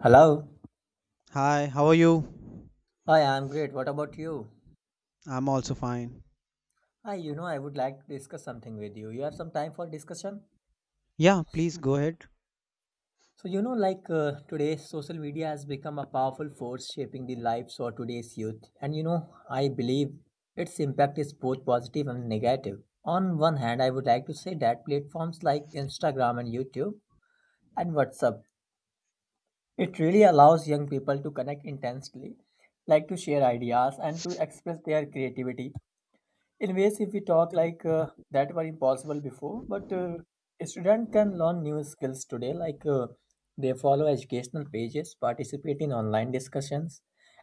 Hello. Hi, how are you? Hi, I'm great. What about you? I'm also fine. Hi, I would like to discuss something with you. You have some time for discussion? Yeah, please go ahead. Today, social media has become a powerful force shaping the lives of today's youth. I believe its impact is both positive and negative. On one hand, I would like to say that platforms like Instagram and YouTube and WhatsApp, it really allows young people to connect intensely, like to share ideas and to express their creativity in ways, if we talk like that were impossible before, but a student can learn new skills today, they follow educational pages, participate in online discussions,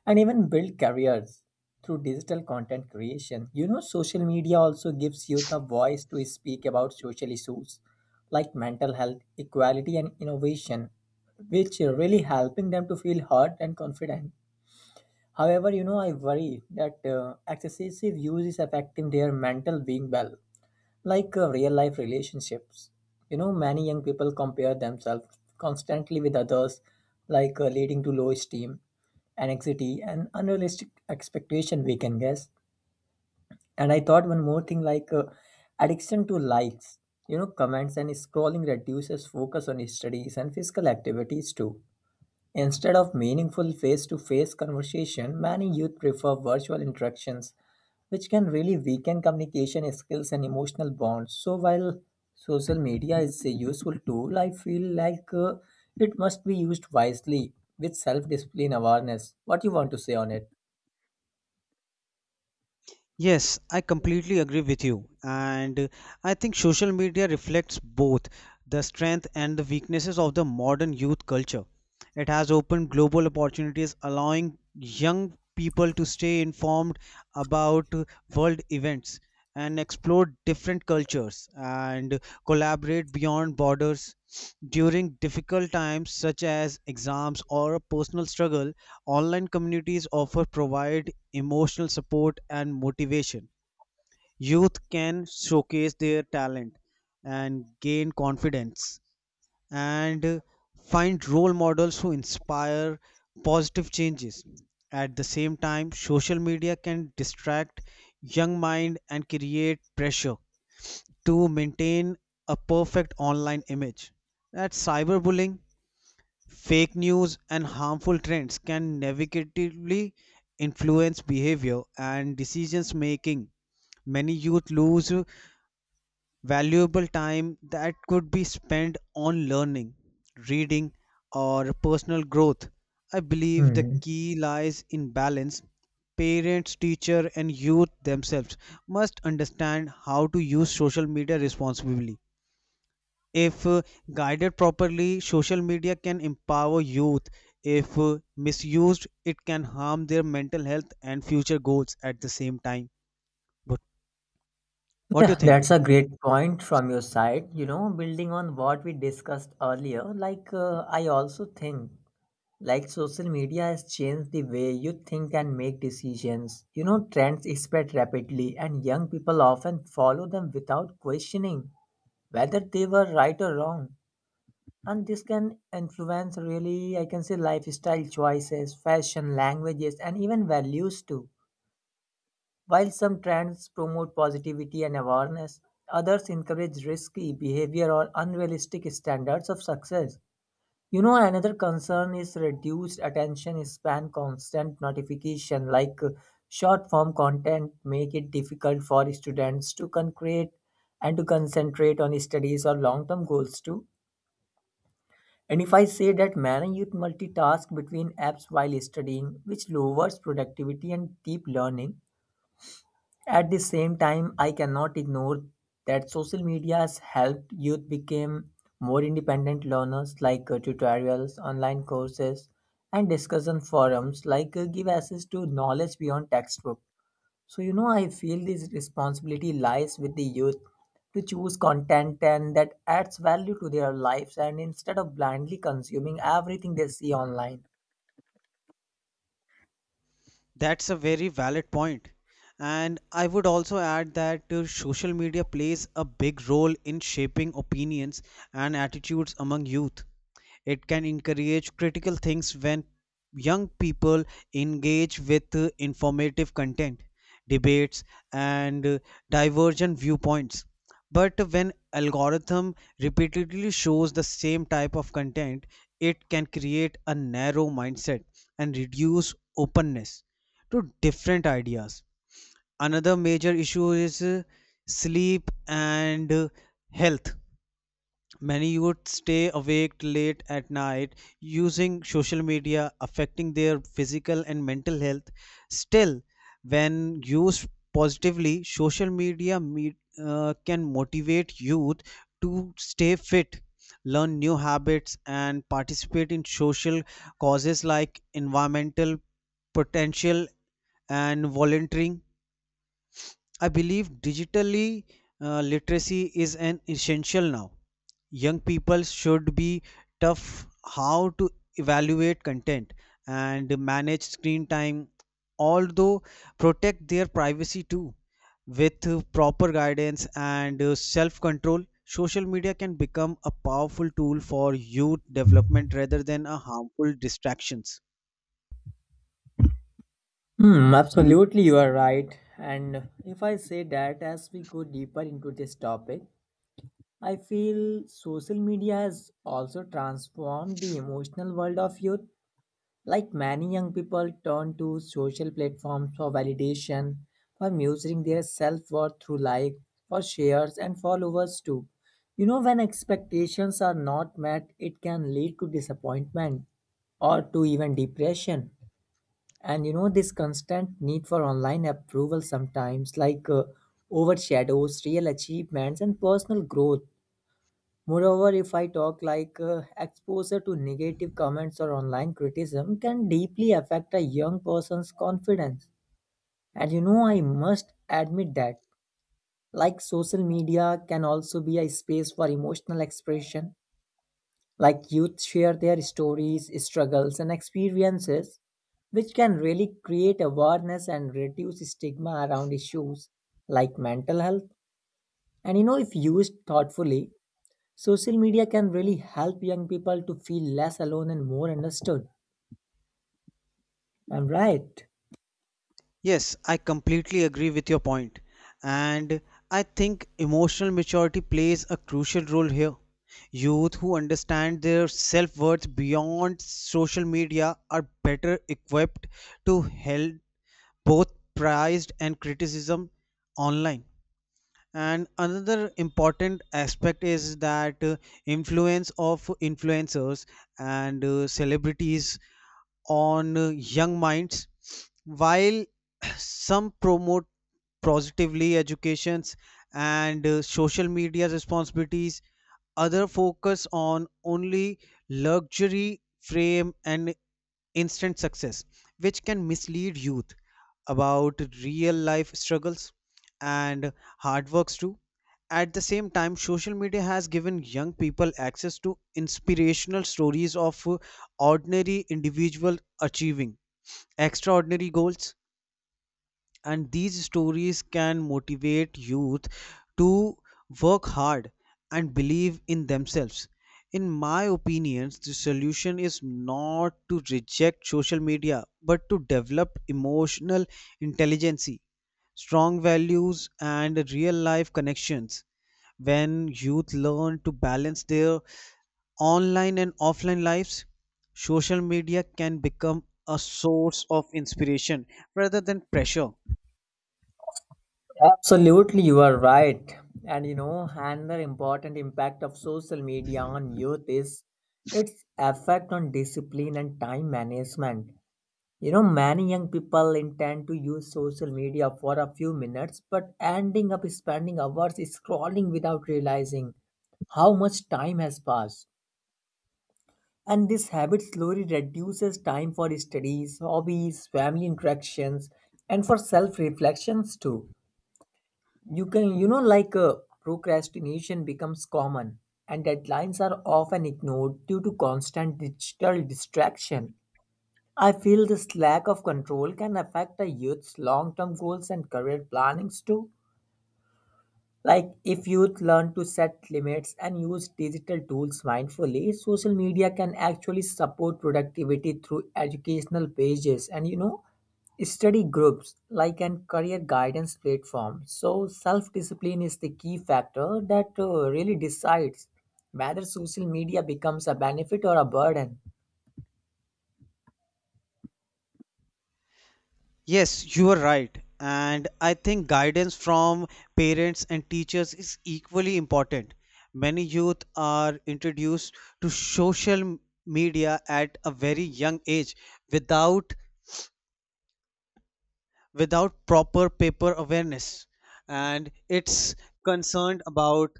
and even build careers through digital content creation. Social media also gives youth a voice to speak about social issues like mental health, equality, and innovation, which are really helping them to feel heard and confident. However, I worry that excessive use is affecting their mental being well, real life relationships. Many young people compare themselves constantly with others, leading to low esteem, anxiety, and unrealistic expectation. We can guess. And I thought one more thing, addiction to likes, comments and scrolling reduces focus on studies and physical activities too. Instead of meaningful face to face conversation, many youth prefer virtual interactions, which can really weaken communication skills and emotional bonds. So, while social media is a useful tool, I feel it must be used wisely with self discipline awareness. What you want to say on it? Yes, I completely agree with you. And I think social media reflects both the strength and the weaknesses of the modern youth culture. It has opened global opportunities, allowing young people to stay informed about world events and explore different cultures and collaborate beyond borders. During difficult times such as exams or a personal struggle, online communities offer provide emotional support, and motivation, youth can showcase their talent and gain confidence and find role models who inspire positive changes. At the same time, social media can distract young mind and create pressure to maintain a perfect online image. That's cyberbullying. Fake news and harmful trends can negatively influence behavior and decisions making. Many youth lose valuable time that could be spent on learning, reading, or personal growth. I believe the Hmm. key lies in balance. Parents, teacher, and youth themselves must understand how to use social media responsibly. If guided properly, social media can empower youth. If misused, it can harm their mental health and future goals at the same time. But what do you Yeah, think? that's a It? great point from your side. Building on what we discussed earlier, I also think like social media has changed the way you think and make decisions. Trends spread rapidly, and young people often follow them without questioning whether they were right or wrong. And this can influence really, I can say, lifestyle choices, fashion, languages, and even values too. While some trends promote positivity and awareness, others encourage risky behavior or unrealistic standards of success. Another concern is reduced attention span. Constant notification, short form content, make it difficult for students to concrete and to concentrate on studies or long term goals too. And if I say that many youth multitask between apps while studying, which lowers productivity and deep learning, at the same time, I cannot ignore that social media has helped youth become more independent learners tutorials, online courses, and discussion forums give access to knowledge beyond textbook. So I feel this responsibility lies with the youth to choose content and that adds value to their lives and instead of blindly consuming everything they see online. That's a very valid point. And I would also add that social media plays a big role in shaping opinions and attitudes among youth. It can encourage critical things when young people engage with informative content, debates, and divergent viewpoints. But when algorithm repeatedly shows the same type of content, it can create a narrow mindset and reduce openness to different ideas. Another major issue is sleep and health. Many would stay awake late at night using social media, affecting their physical and mental health. Still, when used positively, can motivate youth to stay fit, learn new habits, and participate in social causes like environmental potential and volunteering. I believe digitally literacy is an essential now. Young people should be tough how to evaluate content and manage screen time, although protect their privacy too. With proper guidance and self control, social media can become a powerful tool for youth development rather than a harmful distractions. Hmm, absolutely, you are right. And if I say that as we go deeper into this topic, I feel social media has also transformed the emotional world of youth. Like many young people turn to social platforms for validation, for measuring their self worth through likes, for shares, and followers too. When expectations are not met, it can lead to disappointment or to even depression. And this constant need for online approval sometimes overshadows real achievements and personal growth. Moreover, if I talk exposure to negative comments or online criticism can deeply affect a young person's confidence. And I must admit that like social media can also be a space for emotional expression like youth share their stories, struggles, and experiences, which can really create awareness and reduce stigma around issues like mental health. And if used thoughtfully, social media can really help young people to feel less alone and more understood. I'm right. Yes, I completely agree with your point, and I think emotional maturity plays a crucial role here. Youth who understand their self worth beyond social media are better equipped to help both praise and criticism online. And another important aspect is that influence of influencers and celebrities on young minds. While some promote positively educations and social media responsibilities, other focus on only luxury fame and instant success, which can mislead youth about real life struggles and hard works too. At the same time, social media has given young people access to inspirational stories of ordinary individuals achieving extraordinary goals, and these stories can motivate youth to work hard and believe in themselves. In my opinions, the solution is not to reject social media but to develop emotional intelligence, strong values, and real life connections. When youth learn to balance their online and offline lives, social media can become a source of inspiration rather than pressure. Absolutely, you are right. And another important impact of social media on youth is its effect on discipline and time management. Many young people intend to use social media for a few minutes but ending up spending hours scrolling without realizing how much time has passed. And this habit slowly reduces time for studies, hobbies, family interactions, and for self reflections too. You can, you know, like procrastination becomes common, and deadlines are often ignored due to constant digital distraction. I feel this lack of control can affect a youth's long term goals and career plannings too. Like, if youth learn to set limits and use digital tools mindfully, social media can actually support productivity through educational pages and study groups like and career guidance platform. So, self discipline is the key factor that really decides whether social media becomes a benefit or a burden. Yes, you are right. And I think guidance from parents and teachers is equally important. Many youth are introduced to media at a very young age without proper paper awareness, and it's concerned about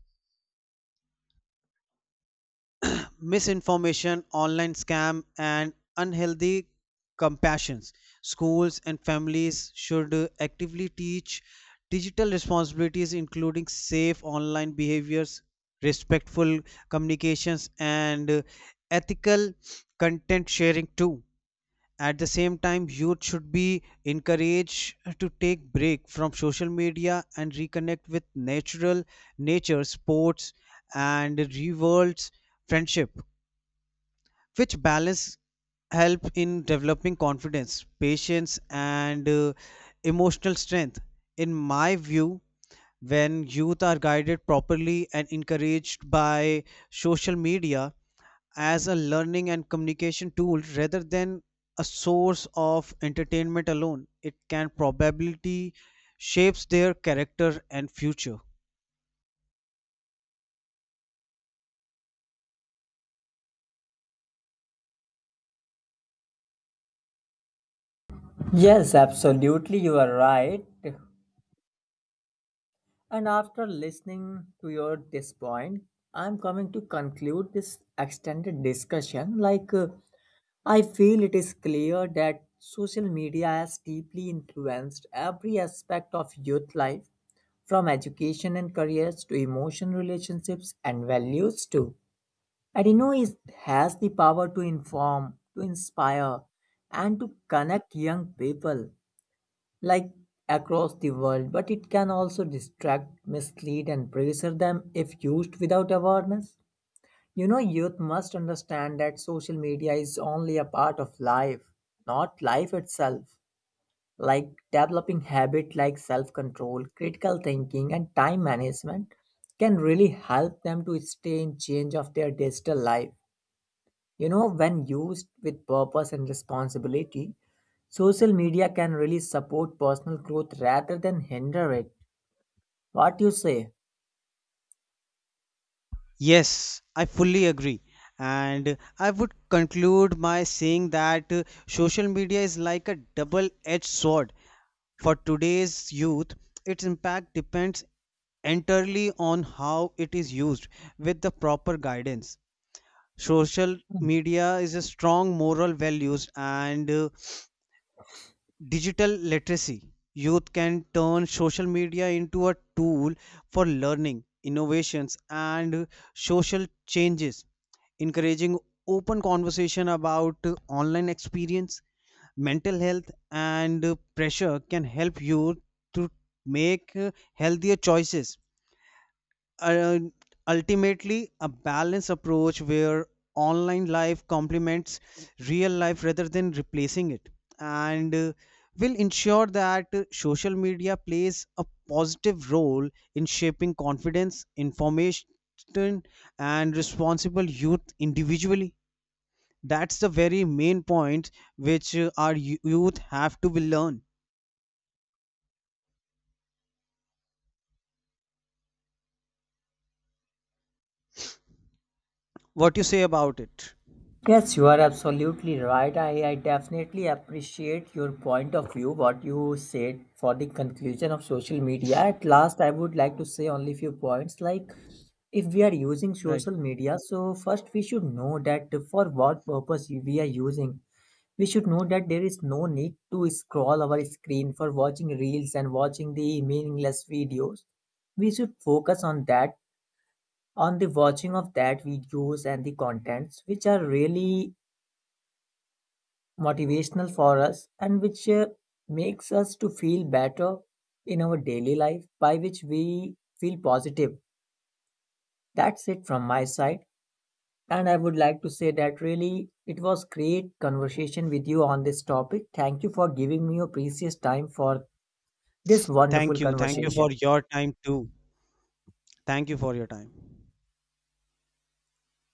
misinformation, online scam, and unhealthy compassions. Schools and families should actively teach digital responsibilities, including safe online behaviors, respectful communications, and ethical content sharing too. At the same time, youth should be encouraged to take break from social media and reconnect with natural nature, sports, and rewards friendship, which balance help in developing confidence patience and emotional strength. In my view, when youth are guided properly and encouraged by social media as a learning and communication tool rather than a source of entertainment alone, it can probably shapes their character and future. Yes, absolutely, you are right. And after listening to your this point, I'm coming to conclude this extended discussion. I feel it is clear that social media has deeply influenced every aspect of youth life, from education and careers to emotion relationships and values too. And it has the power to inform, to inspire, and to connect young people like across the world, but it can also distract, mislead, and pressure them if used without awareness. Youth must understand that social media is only a part of life, not life itself. Like developing habits like self control, critical thinking, and time management can really help them to stay in change of their digital life. When used with purpose and responsibility, social media can really support personal growth rather than hinder it. What you say? Yes, I fully agree. And I would conclude by saying that social media is like a double edged sword. For today's youth, its impact depends entirely on how it is used with the proper guidance. Social media is a strong moral values and digital literacy. Youth can turn social media into a tool for learning, innovations, and social changes. Encouraging open conversation about online experience, mental health, and pressure can help you to make healthier choices. uh, Ultimately, a balanced approach where online life complements real life rather than replacing it and will ensure that social media plays a positive role in shaping confidence, information, and responsible youth individually. That's the very main point which our youth have to be learned. What you say about it? Yes, you are absolutely right. I definitely appreciate your point of view, what you said for the conclusion of social media. At last, I would like to say only few points like if we are using Right. social media, so first we should know that for what purpose we are using. We should know that there is no need to scroll our screen for watching reels and watching the meaningless videos. We should focus on that, on the watching of that videos and the contents which are really motivational for us and which makes us to feel better in our daily life by which we feel positive. That's it from my side. And I would like to say that really it was great conversation with you on this topic. Thank you for giving me your precious time for this Thank wonderful you, thank you conversation. for your time too. Thank you for your time.